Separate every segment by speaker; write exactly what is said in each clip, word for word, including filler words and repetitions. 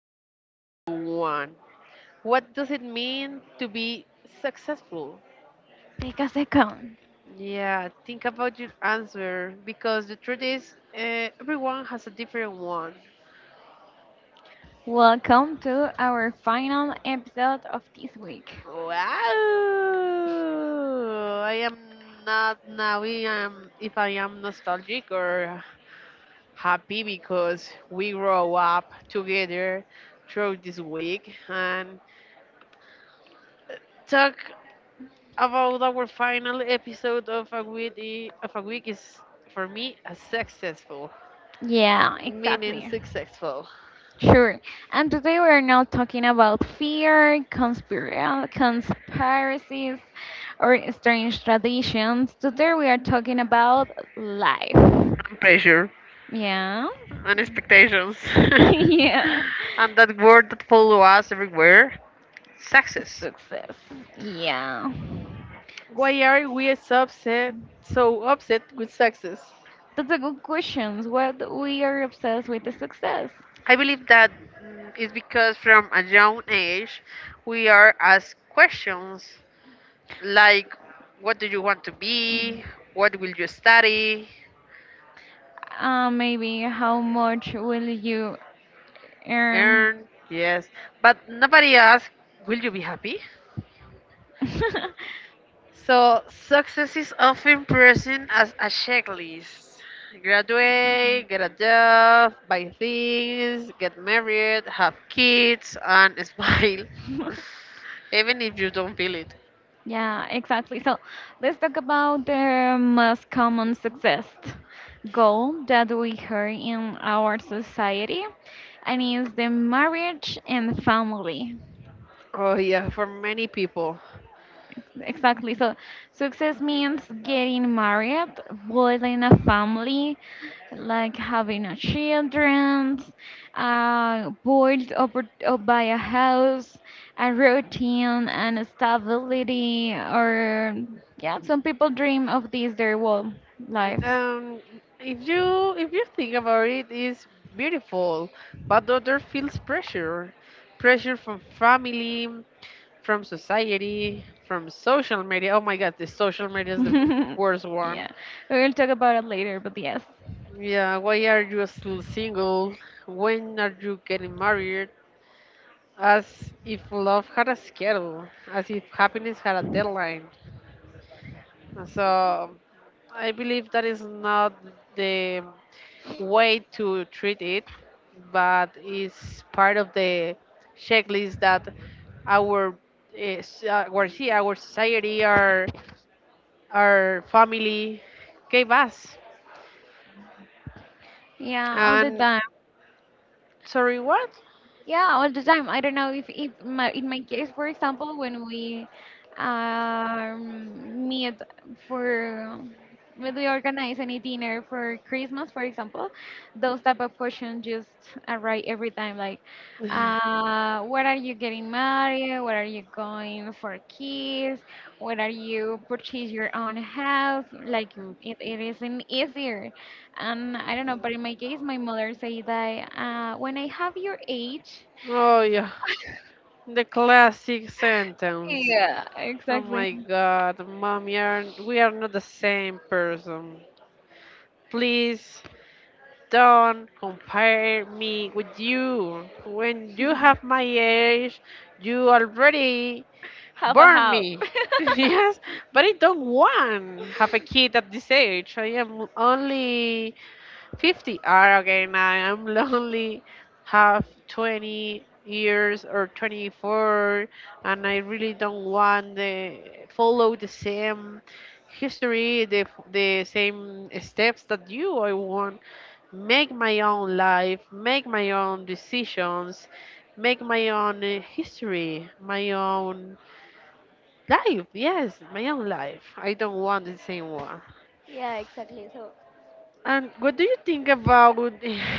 Speaker 1: very simple one. What does it mean to be successful?
Speaker 2: Take a second.
Speaker 1: Yeah, think about your answer because the truth is, uh, everyone has a different one.
Speaker 2: Welcome to our final episode of this week.
Speaker 1: Wow! I am not now. I am if I am nostalgic or happy because we grow up together through this week and talk about our final episode of a week i- of a week is for me a successful
Speaker 2: Yeah,
Speaker 1: meaning
Speaker 2: exactly.
Speaker 1: successful
Speaker 2: Sure. And today we're not talking about fear, conspira- conspiracies, or strange traditions. Today we are talking about life.
Speaker 1: and pressure
Speaker 2: Yeah.
Speaker 1: and expectations
Speaker 2: yeah.
Speaker 1: and that word that follow us everywhere success.
Speaker 2: Success. Yeah.
Speaker 1: Why are we so upset, so upset with success?
Speaker 2: That's a good question. What we are obsessed with is success.
Speaker 1: I believe that mm, is because from a young age we are asked questions like, what do you want to be? What will you study?
Speaker 2: Uh, maybe how much will you earn?
Speaker 1: Earn, yes. But nobody asks, will you be happy? So success is often present as a checklist. Graduate, get a job, buy things, get married, have kids, and smile. Even if you don't feel it.
Speaker 2: Yeah, exactly. So let's talk about the most common success goal that we hear in our society, and is the marriage and family.
Speaker 1: Oh yeah, for many people.
Speaker 2: Exactly. So success means getting married, building a family, like having a children, uh, boiled over, up by a house, a routine and stability, or yeah, some people dream of these their whole lives.
Speaker 1: Um, if you if you think about it, it's beautiful, but the other feels pressure, pressure from family, from society, from social media. Oh my God, the social media is the worst one.
Speaker 2: yeah, we'll talk about it later, but yes,
Speaker 1: Yeah, why are you still single? When are you getting married? As if love had a schedule, as if happiness had a deadline. So I believe that is not the way to treat it, but is part of the checklist that our uh, s- uh, our, see, our society are our family gave us.
Speaker 2: yeah, all the
Speaker 1: And
Speaker 2: time.
Speaker 1: sorry, what?
Speaker 2: Yeah, all the time. I don't know if, if my, in my case, for example, when we um, meet for when we organize any dinner for Christmas, for example, those type of questions just arrive every time. Like, uh, where are you getting married? Where are you going for kids? Where are you purchase your own house? Like, it, it isn't easier. And I don't know, but in my case, my mother said that uh, when I have your age,
Speaker 1: Oh, yeah, the classic sentence.
Speaker 2: yeah,
Speaker 1: Oh my
Speaker 2: exactly.
Speaker 1: God, mom, you are, we are not the same person. Please don't compare me with you. When you have my age, you already
Speaker 2: Half a
Speaker 1: burn
Speaker 2: half.
Speaker 1: me. Yes, but I don't want have a kid at this age. I am only fifty. Ah, okay, now I'm lonely, have twenty years or twenty four, and I really don't want to follow the same history, the, f- the same steps that you. I want make my own life, make my own decisions, make my own uh, history, my own life. Yes, my own life, I don't want the same one.
Speaker 2: Yeah, exactly. So,
Speaker 1: And what do you think about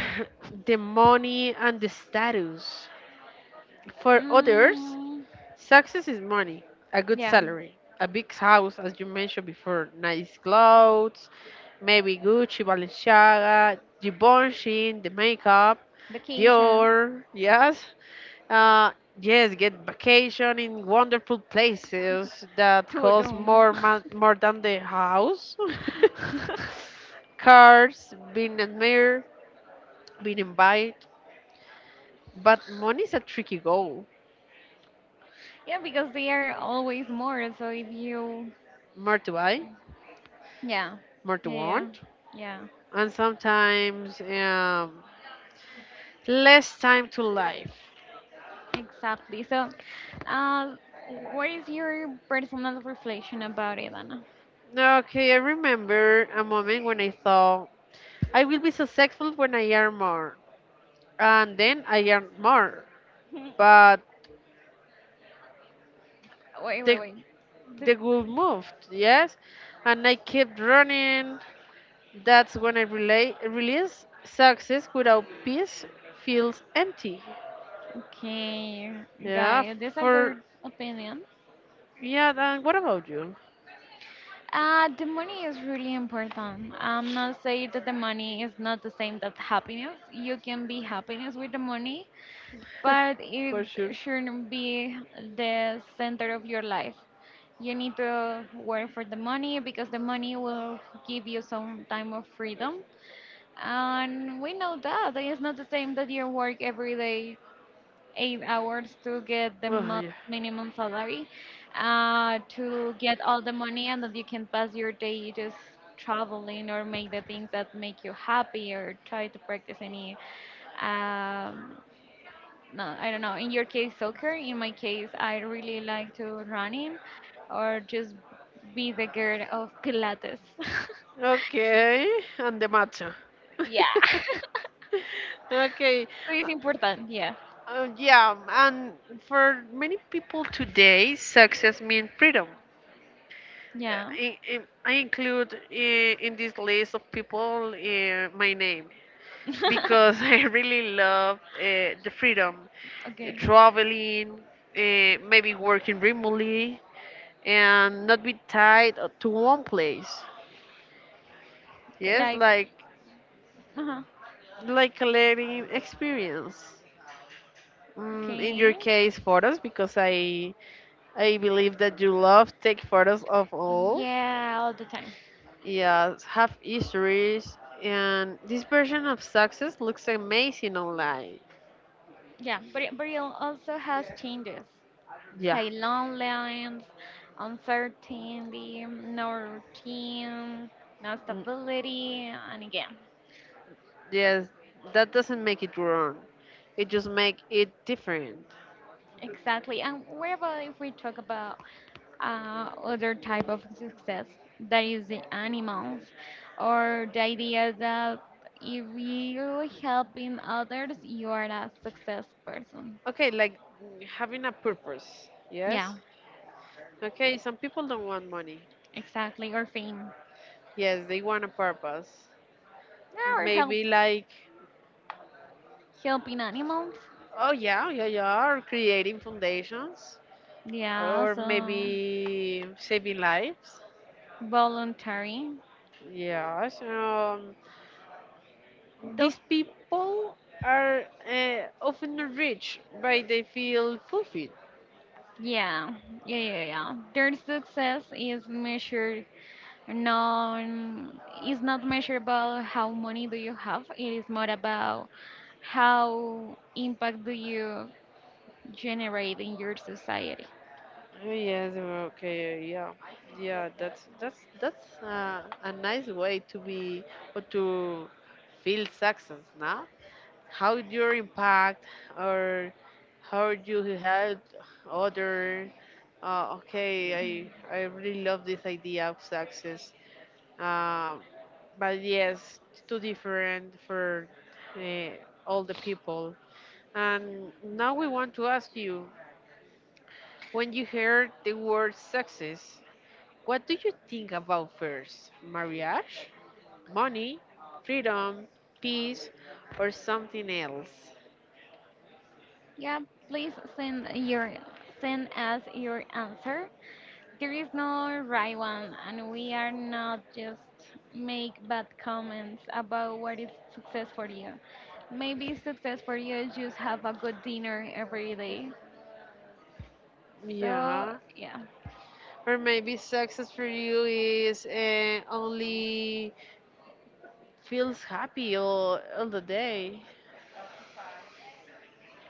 Speaker 1: the money and the status? For others,
Speaker 2: mm,
Speaker 1: success is money, a good
Speaker 2: yeah,
Speaker 1: salary, a big house, as you mentioned before, nice clothes, maybe Gucci, Balenciaga, Givenchy, the makeup,
Speaker 2: vacation,
Speaker 1: Dior, yes. Uh, yes, get vacation in wonderful places that cost
Speaker 2: Tulum.
Speaker 1: more, ma- more than the house. Cars, being admired, been invited, but money's a tricky goal.
Speaker 2: yeah, because they are always more. So if you,
Speaker 1: More to buy,
Speaker 2: yeah,
Speaker 1: more to
Speaker 2: yeah, yeah,
Speaker 1: want,
Speaker 2: yeah,
Speaker 1: and sometimes um, less time to life.
Speaker 2: exactly. So, uh, what is your personal reflection about it, Anna?
Speaker 1: Okay, I remember a moment when I thought I will be successful when I earn more, and then I earned more, but
Speaker 2: Wait, wait,
Speaker 1: the
Speaker 2: wait. The-
Speaker 1: the goal moved, yes, and I kept running. That's when I relay, release success without peace feels empty.
Speaker 2: okay, got
Speaker 1: Yeah, f-
Speaker 2: it. That's a
Speaker 1: for.
Speaker 2: good opinion.
Speaker 1: Yeah, then what about you?
Speaker 2: Uh, the money is really important. I'm not saying that the money is not the same that happiness. You can be happiness with the money, but it
Speaker 1: For sure.
Speaker 2: shouldn't be the center of your life. You need to work for the money because the money will give you some time of freedom. And we know that it's not the same that you work every day eight hours to get the
Speaker 1: Oh,
Speaker 2: mo-
Speaker 1: yeah.
Speaker 2: minimum salary, uh, to get all the money, and that you can pass your day just traveling or make the things that make you happy or try to practice any um, no, I don't know. In your case, soccer. In my case, I really like to running or just be the girl of Pilates.
Speaker 1: Okay, and the matcha.
Speaker 2: yeah. so
Speaker 1: Okay.
Speaker 2: it's important. Yeah.
Speaker 1: Uh, yeah, and for many people today, success means freedom.
Speaker 2: Yeah.
Speaker 1: Uh, I, I I include in, in this list of people uh, my name because I really love uh, the freedom, uh,
Speaker 2: okay.
Speaker 1: traveling, uh, maybe working remotely, and not be tied to one place.
Speaker 2: K-
Speaker 1: Yes,
Speaker 2: Like,
Speaker 1: like
Speaker 2: uh-huh.
Speaker 1: like collecting experience. Mm, in your
Speaker 2: Okay.
Speaker 1: case, photos because I I believe that you love take photos of all.
Speaker 2: Yeah, all the time.
Speaker 1: Yes, have histories, and this version of success looks amazing online.
Speaker 2: Yeah, but it, but it also has changes,
Speaker 1: Yeah,
Speaker 2: like long lines, uncertainty, no routine, no
Speaker 1: mm,
Speaker 2: stability, and again,
Speaker 1: yes, that doesn't make it wrong. It just make it different.
Speaker 2: exactly. And what about if we talk about uh, other type of success that is the animals or the idea that if you helping others you are a success person.
Speaker 1: Okay, like, mm, having a purpose.
Speaker 2: Yeah,
Speaker 1: Yes. Okay, some people don't want money.
Speaker 2: exactly, or fame.
Speaker 1: Yes, they want a purpose.
Speaker 2: Yeah, or help
Speaker 1: Maybe like,
Speaker 2: helping animals.
Speaker 1: oh yeah, yeah, yeah, or creating foundations,
Speaker 2: Yeah,
Speaker 1: or
Speaker 2: so
Speaker 1: maybe saving lives.
Speaker 2: voluntary.
Speaker 1: Yes, um,
Speaker 2: Those
Speaker 1: these people are uh, often rich, but they feel fulfilled.
Speaker 2: yeah, yeah, yeah, yeah. Their success is measured non is not measured about how money do you have. It is more about how impact do you generate in your society.
Speaker 1: Oh, yes, okay, yeah, yeah. That's that's that's uh, a nice way to be or to feel success, now. How you impact or how you help other. uh, okay, I, I really love this idea of success, um, but yes, too different for uh, all the people. And now we want to ask you, when you heard the word success, what do you think about first? Marriage, money, freedom, peace, or something else?
Speaker 2: Yeah, please send your send us your answer. There is no right one, and we are not just make bad comments about what is success for you. Maybe success for you is just have a good dinner every day. So
Speaker 1: Yeah.
Speaker 2: yeah,
Speaker 1: Or maybe success for you is uh, only feels happy all, all the day.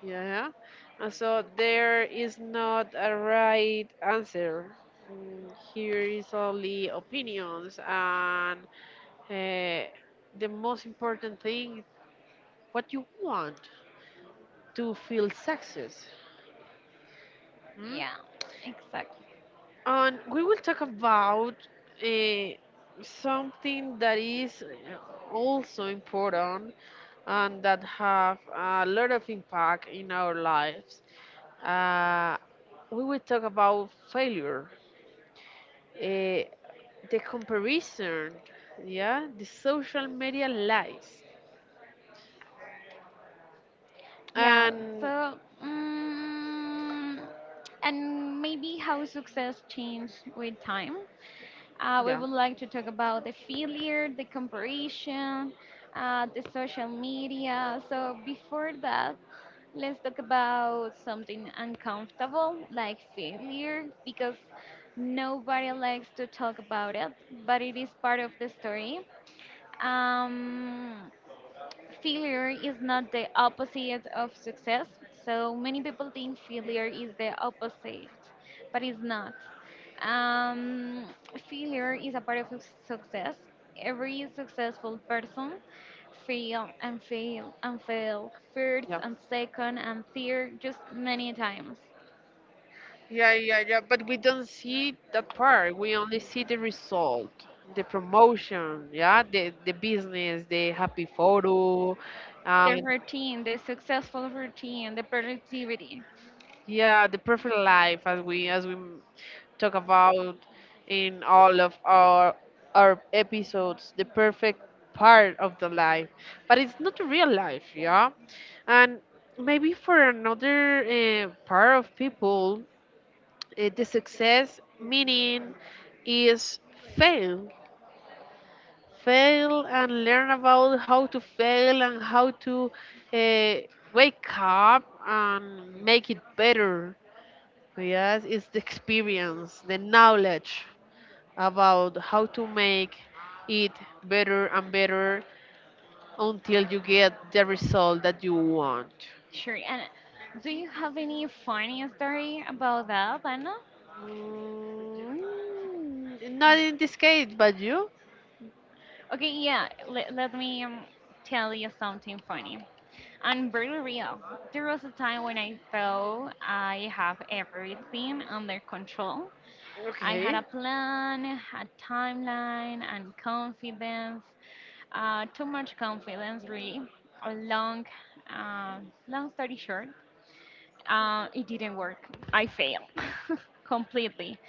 Speaker 1: Yeah. And so there is not a right answer. Mm, here is only opinions and uh, the most important thing is what you want to feel success. Mm?
Speaker 2: yeah, exactly.
Speaker 1: And we will talk about uh, something that is uh, also important and that have a lot of impact in our lives. Uh, we will talk about failure, eh, the comparison, yeah, the social media lies,
Speaker 2: Yeah.
Speaker 1: and
Speaker 2: So mm and maybe how success change with time. Uh, we
Speaker 1: yeah,
Speaker 2: would like to talk about the failure, the comparison, uh, the social media. So before that, let's talk about something uncomfortable like failure because nobody likes to talk about it, but it is part of the story. Um, failure is not the opposite of success. So many people think failure is the opposite, but it's not. Um, failure is a part of suc- success. Every successful person fail and fail and fail first
Speaker 1: yeah,
Speaker 2: and second and third just many times.
Speaker 1: yeah, yeah, yeah. But we don't see that part. We only see the result, the promotion, yeah, the the business, the happy photo,
Speaker 2: The
Speaker 1: and
Speaker 2: routine, the successful routine, the productivity.
Speaker 1: yeah, the perfect life, as we as we talk about in all of our our episodes, the perfect part of the life, but it's not the real life. Yeah. And maybe for another uh, part of people, uh, the success meaning is fail, fail and learn about how to fail and how to uh, wake up and make it better. Yes, it's the experience, the knowledge about how to make it better and better until you get the result that you want.
Speaker 2: Sure. And do you have any funny story about that, Anna?
Speaker 1: Mm, not in this case, but you?
Speaker 2: Okay, yeah, let, let me um, tell you something funny. I'm very real. There was a time when I thought I have everything under control. I had
Speaker 1: Okay.
Speaker 2: a plan, a timeline, and confidence. Uh, too much confidence, really. A long, uh, long story short, uh, it didn't work. I failed completely.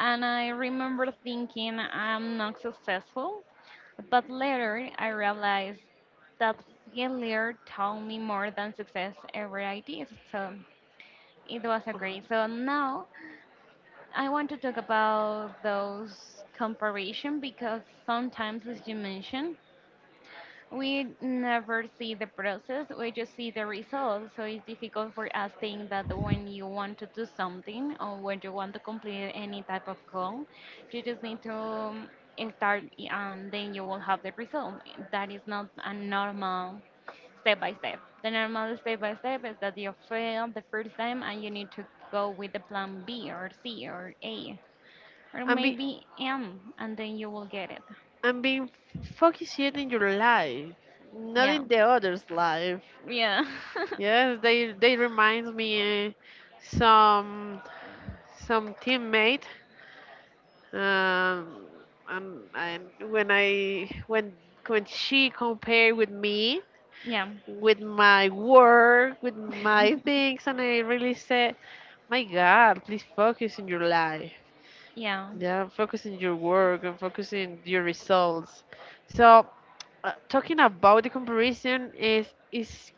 Speaker 2: And I remember thinking I'm not successful. But later I realized that failure taught me more than success ever I did. So it was a great. So now I want to talk about those comparison because sometimes, as you mentioned, we never see the process, we just see the result, so it's difficult for us think that when you want to do something or when you want to complete any type of goal you just need to um, start, and then you will have the result that is not a normal step by step. The normal step by step is that you fail the first time and you need to go with the plan b or c or a or
Speaker 1: And be
Speaker 2: maybe m, and then you will get it.
Speaker 1: and being focused in your life, not
Speaker 2: Yeah,
Speaker 1: in the others' life.
Speaker 2: yeah.
Speaker 1: Yes, they they remind me uh, some some teammate. Um, and, and when I when when she compared with me,
Speaker 2: yeah.
Speaker 1: with my work, with my things, and I really said, my God, please focus in your life.
Speaker 2: yeah,
Speaker 1: Yeah, focus in your work and focus in your results. So, uh, talking about the comparison is is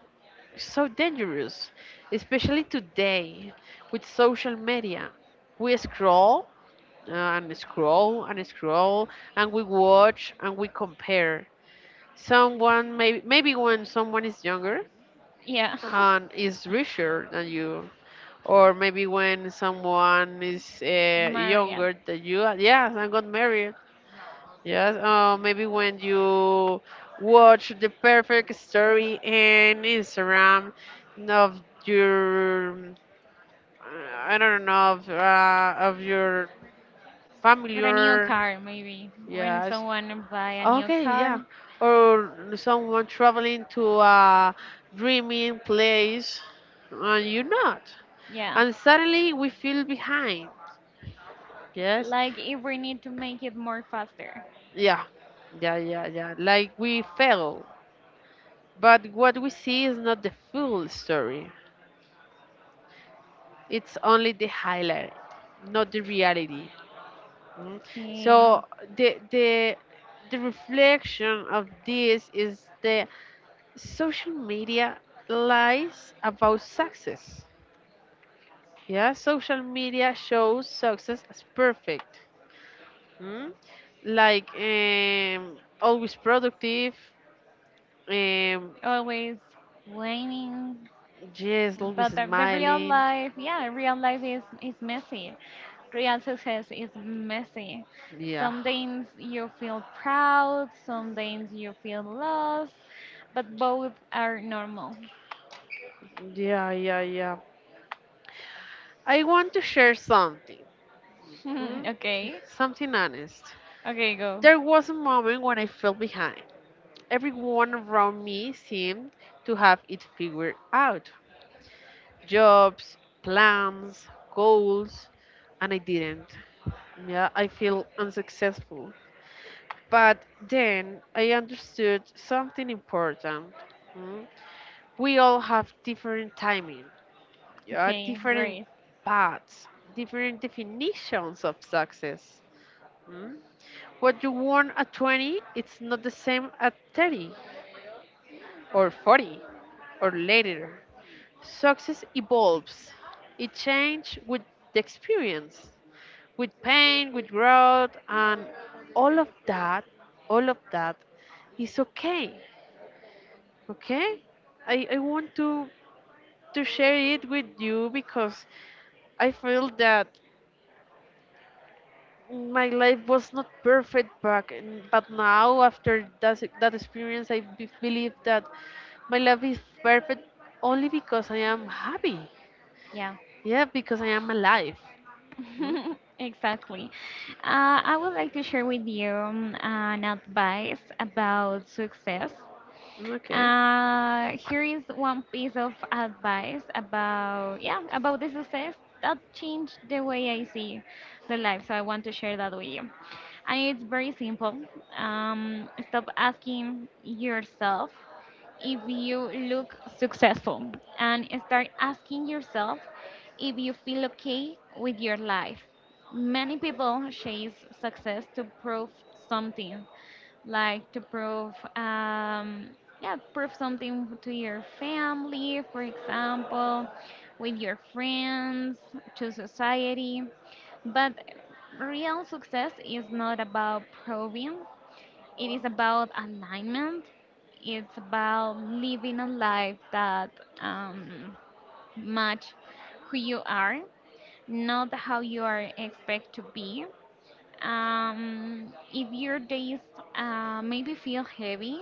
Speaker 1: so dangerous, especially today with social media. We scroll uh, and scroll and scroll, and we watch and we compare. Someone maybe maybe when someone is younger
Speaker 2: yeah,
Speaker 1: and is richer than you, or maybe when someone is uh,
Speaker 2: Maria.
Speaker 1: younger than you. uh, yes, I got married. Yes, uh, maybe when you watch the perfect story in Instagram of your mm, I don't know, of, uh, of your
Speaker 2: Or
Speaker 1: family,
Speaker 2: a new
Speaker 1: or
Speaker 2: car, maybe. When
Speaker 1: yes,
Speaker 2: someone buy a new
Speaker 1: okay, yeah,
Speaker 2: car,
Speaker 1: or someone traveling to a dreaming place and you not,
Speaker 2: yeah.
Speaker 1: and suddenly we feel behind. Yes,
Speaker 2: Like if we need to make it more faster.
Speaker 1: yeah, yeah, yeah, yeah. Like we fail, but what we see is not the full story. It's only the highlight, not the reality. Mm.
Speaker 2: Okay,
Speaker 1: So the the the reflection of this is the social media lies about success. Yeah, social media shows success as perfect. Mm? Like, um, always productive, Um,
Speaker 2: always whining.
Speaker 1: yes, always
Speaker 2: But the, the real
Speaker 1: smiling.
Speaker 2: life, yeah, real life is, is messy. Real success is messy.
Speaker 1: Yeah,
Speaker 2: Some days you feel proud, some days you feel lost, but both are normal.
Speaker 1: yeah, yeah, yeah. I want to share something. Hmm?
Speaker 2: okay,
Speaker 1: Something honest.
Speaker 2: okay, go.
Speaker 1: There was a moment when I felt behind. Everyone around me seemed to have it figured out: jobs, plans, goals, and I didn't. Yeah, I feel unsuccessful. But then I understood something important. Hmm? We all have different timing, uh,
Speaker 2: Okay,
Speaker 1: different
Speaker 2: great.
Speaker 1: paths, different definitions of success. Mm? What you want at twenty, it's not the same at thirty or forty or later. Success evolves. It changes with the experience, with pain, with growth, and all of that, all of that is okay. Okay? I, I want to to share it with you because I feel that my life was not perfect back and but now after that that experience i be- believe that my life is perfect only because I am happy.
Speaker 2: Yeah,
Speaker 1: Yeah, because I am alive. Mm,
Speaker 2: exactly. Uh, I would like to share with you um, an advice about success.
Speaker 1: okay.
Speaker 2: Uh, here is one piece of advice about yeah about the success that changed the way I see the life. So I want to share that with you, and it's very simple. Um, stop asking yourself if you look successful and start asking yourself if you feel okay with your life. Many people chase success to prove something, like to prove, um, yeah, prove something to your family, for example, with your friends, to society. But real success is not about proving, it is about alignment. It's about living a life that um, match who you are, not how you are expect to be. Um, if your days uh, maybe feel heavy,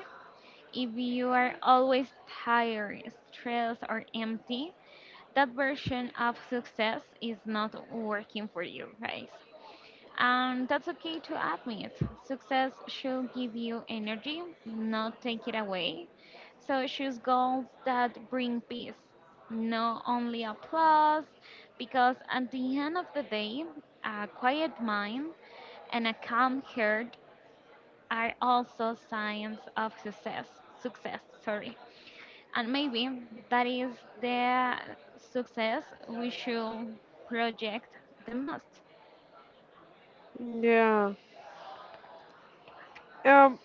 Speaker 2: if you are always tired, stressed, or empty, that version of success is not working for you, guys. And that's okay to admit. Success should give you energy, not take it away. So choose goals that bring peace, not only applause, because at the end of the day, a quiet mind and a calm heart are also signs of success. Success, sorry. And maybe that is the success we should project the most.
Speaker 1: Yeah. Um,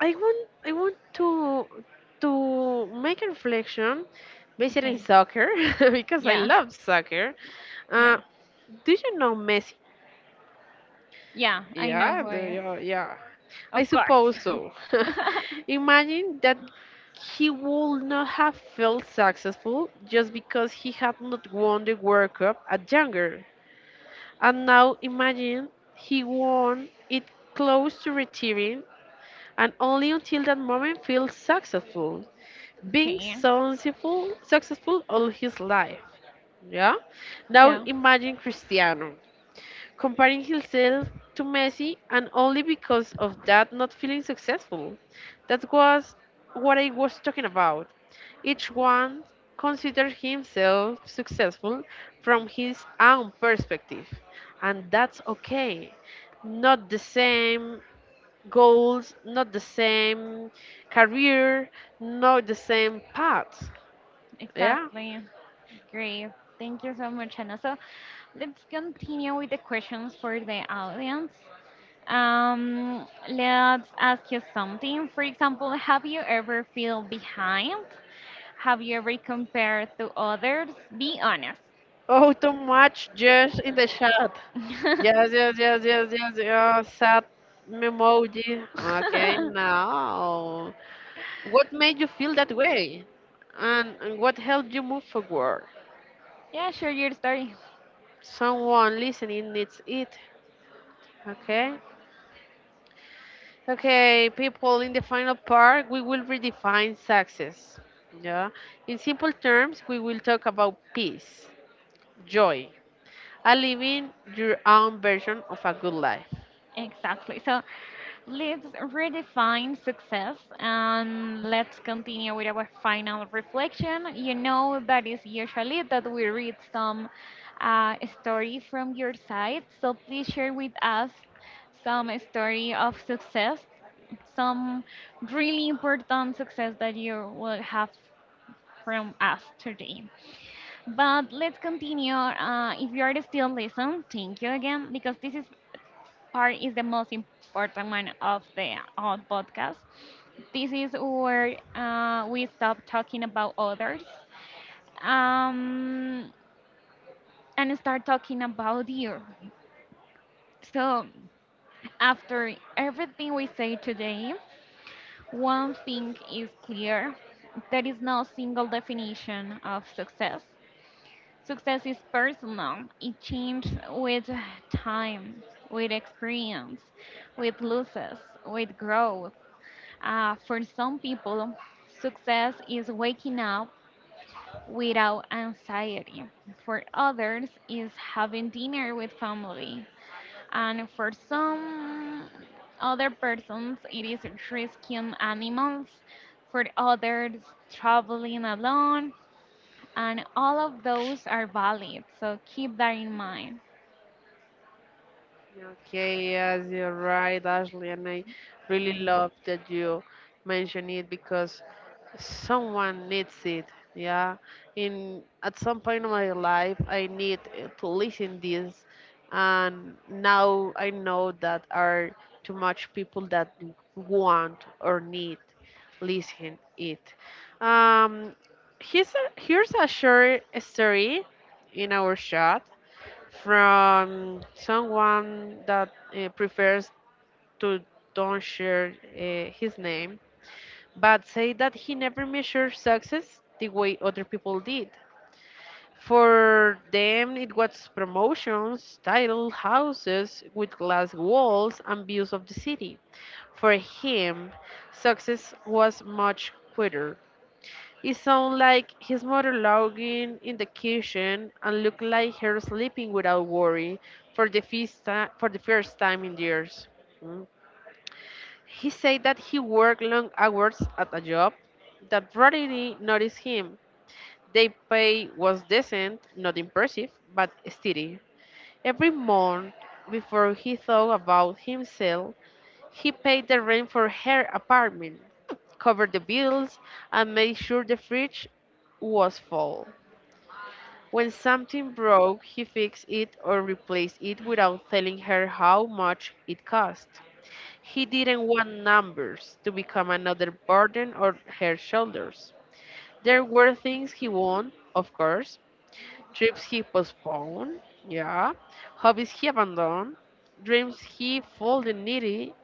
Speaker 1: i want I want to to make a reflection based in
Speaker 2: Okay.
Speaker 1: soccer because I
Speaker 2: Yeah,
Speaker 1: love soccer. uh,
Speaker 2: yeah.
Speaker 1: do you know Messi?
Speaker 2: Yeah, I know
Speaker 1: Yeah,
Speaker 2: who I
Speaker 1: the,
Speaker 2: are.
Speaker 1: yeah, yeah. I
Speaker 2: Of course.
Speaker 1: suppose so. Imagine that he would not have felt successful just because he had not won the World Cup at younger. And now imagine he won it close to retiring, and only until that moment feels successful. Being
Speaker 2: okay.
Speaker 1: successful, successful all his life. Yeah. Now
Speaker 2: Yeah,
Speaker 1: imagine Cristiano comparing himself to Messi, and only because of that not feeling successful. That was what I was talking about. Each one considered himself successful from his own perspective, and that's okay. Not the same goals, not the same career, not the same path. Yeah.
Speaker 2: exactly. Great. Thank you so much, Anna. So let's continue with the questions for the audience. Um, let's ask you something. For example, have you ever feel behind? Have you ever compared to others? Be honest.
Speaker 1: Oh, too much just in the chat. Yes, yes, yes, yes, yes, yes. Sad emoji. Okay, now. What made you feel that way? And, and what helped you move forward?
Speaker 2: yeah, share your story.
Speaker 1: Someone listening needs it. Okay? Okay, people, in the final part, we will redefine success. Yeah? In simple terms, we will talk about peace, joy, and living your own version of a good life.
Speaker 2: Exactly. So let's redefine success and let's continue with our final reflection. You know that is usually that we read some uh, story from your side. So please share with us some story of success, some really important success that you will have from us today. But let's continue. Uh, if you are still listening, thank you again because this is part is the most important one of the whole podcast. This is where uh, we stop talking about others um, and start talking about you. So, after everything we say today, one thing is clear: there is no single definition of success. Success is personal, it changes with time, with experience, with losses, with growth. Uh, for some people, success is waking up without anxiety. For others, is having dinner with family. And for some other persons, it is rescuing animals. For others, traveling alone. And all of those are valid. So keep that in mind.
Speaker 1: Okay, yes, you're right, Ashley, and I really love that you mention it because someone needs it. Yeah, in at some point of my life, I need uh, to listen this, and now I know that are too much people that want or need listen it. Um, here's a, here's a short story in our show from someone that uh, prefers to don't share uh, his name, but say that he never measured success the way other people did. For them, it was promotions, title, houses with glass walls, and views of the city. For him, success was much quieter. It sounded like his mother lounging in the kitchen and looked like her sleeping without worry for the first time, for the first time in years. Mm. He said that he worked long hours at a job that rarely noticed him. The pay was decent, not impressive, but steady. Every month, before he thought about himself, he paid the rent for her apartment, covered the bills, and made sure the fridge was full. When something broke, he fixed it or replaced it without telling her how much it cost. He didn't want numbers to become another burden on her shoulders. There were things he won, of course, trips he postponed, yeah, hobbies he abandoned, dreams he folded neatly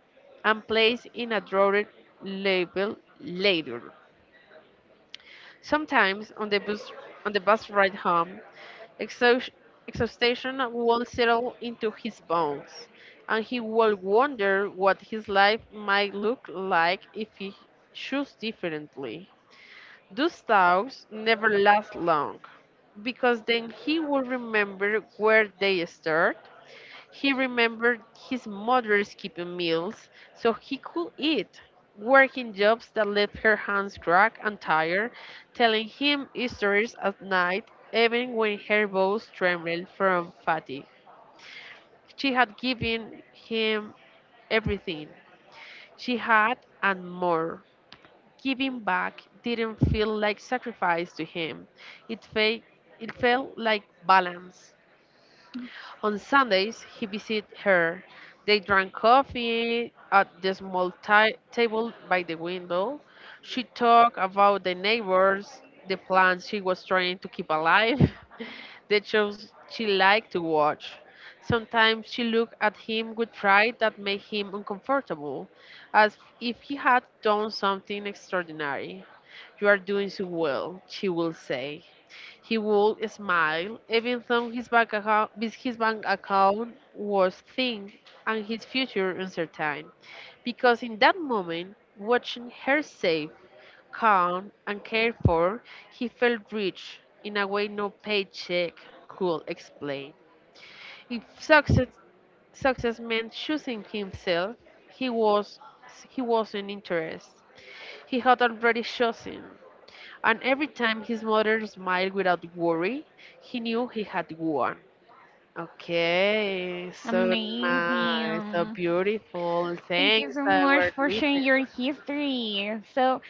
Speaker 1: and placed in a drawer labeled later. Sometimes on the bus on the bus ride home, Exhaust- exhaustion will settle into his bones, and he will wonder what his life might look like if he chose differently. Those talks never last long, because then he will remember where they start. He remembered his mother skipping meals so he could eat, working jobs that left her hands cracked and tired, telling him stories at night, even when her bones trembled from fatigue. She had given him everything. She had and more. Giving back didn't feel like sacrifice to him. It, fe- it felt like balance. On Sundays, he visited her. They drank coffee at the small ti- table by the window. She talked about the neighbors, the plants she was trying to keep alive, the shows she liked to watch. Sometimes she looked at him with pride that made him uncomfortable, as if he had done something extraordinary. You are doing so well, she will say. He would smile, even though his bank account, his bank account was thin and his future uncertain, because in that moment, watching her safe, calm, and cared for, he felt rich in a way no paycheck could explain. If success, success meant choosing himself, he was he wasn't interested. He had already chosen. And every time his mother smiled without worry, he knew he had won. Okay, so nice, so
Speaker 2: Amazing.
Speaker 1: beautiful.
Speaker 2: Thank you
Speaker 1: Thanks,
Speaker 2: so much
Speaker 1: our
Speaker 2: for sharing your
Speaker 1: listener.
Speaker 2: history. So,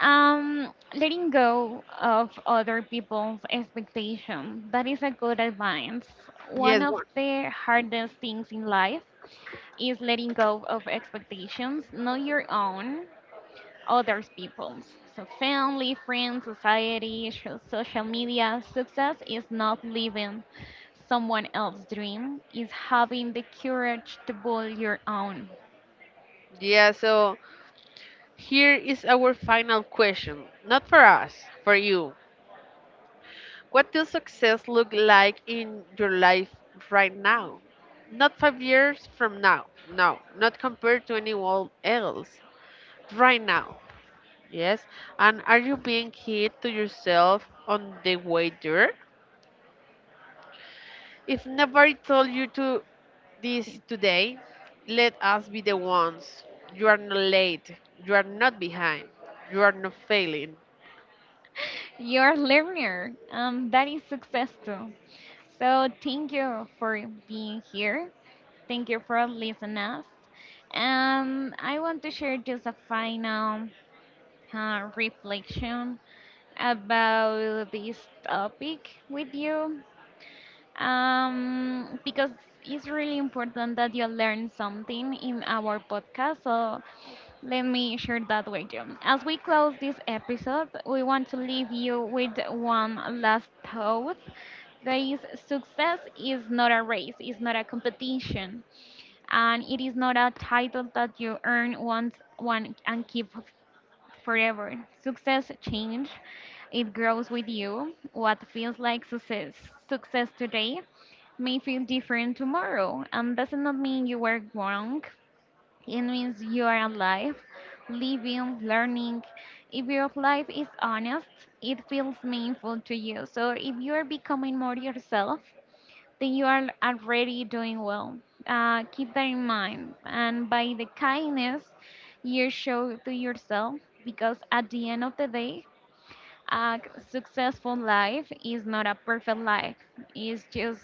Speaker 2: um, letting go of other people's expectation, that is a good advice. One
Speaker 1: Yes,
Speaker 2: of
Speaker 1: one.
Speaker 2: the hardest things in life is letting go of expectations, not your own, others people's. So family, friends, society, sho- social media, success is not living someone else's dream, is having the courage to build your own.
Speaker 1: Yeah, so here is our final question. Not for us, for you. What does success look like in your life right now? Not five years from now. No, not compared to anyone else. Right now. Yes. And are you being kind to yourself on the way there? If nobody told you to this today, let us be the ones. You are not late. You are not behind. You are not failing.
Speaker 2: You're a learner. Um, that is success too. So thank you for being here. Thank you for listening us. Um, I want to share just a final uh, reflection about this topic with you. Um, because it's really important that you learn something in our podcast. So let me share that with you. As we close this episode, we want to leave you with one last thought. That is, success is not a race, it's not a competition, and it is not a title that you earn once one and keep f- forever. Success change, it grows with you. What feels like success, success today may feel different tomorrow, and does not mean you were wrong. It means you are alive, living, learning. If your life is honest, it feels meaningful to you. So if you are becoming more yourself, then you are already doing well. Uh, keep that in mind. And by the kindness you show to yourself, because at the end of the day, a successful life is not a perfect life. It's just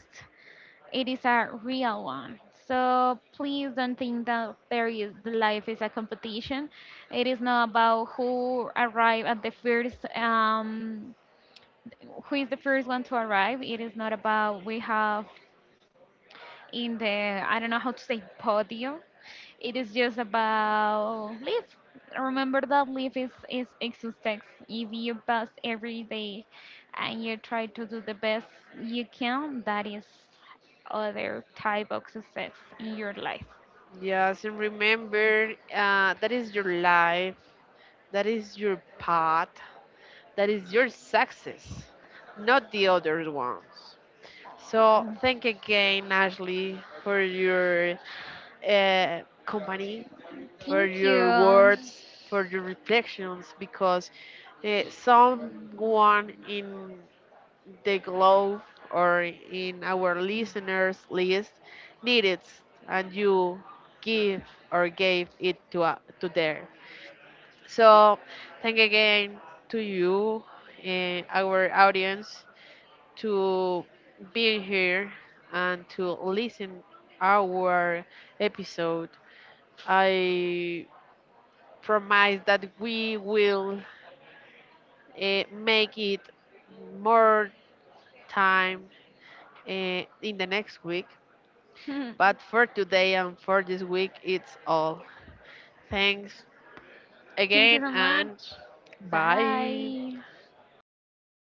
Speaker 2: it is a real one. So please don't think that there is the life is a competition. It is not about who arrive at the first um who is the first one to arrive. It is not about we have in the I don't know how to say podium. It is just about live. Remember that live is is existence. If you pass every day and you try to do the best you can, that is other type of success in your life.
Speaker 1: Yes, and remember uh, that is your life. That is your path. That is your success, not the other ones. So thank again, Ashley, for your uh, company for
Speaker 2: Thank you.
Speaker 1: your words, for your reflections, because uh, someone in the globe or in our listeners list needed and you give or gave it to, uh, to there. So thank again to you and our audience to being here and to listen our episode. I promise that we will uh, make it more time uh, in the next week. But for today and for this week, it's all. Thanks
Speaker 2: Thank you
Speaker 1: again
Speaker 2: so
Speaker 1: and
Speaker 2: much.
Speaker 1: bye.
Speaker 2: Bye.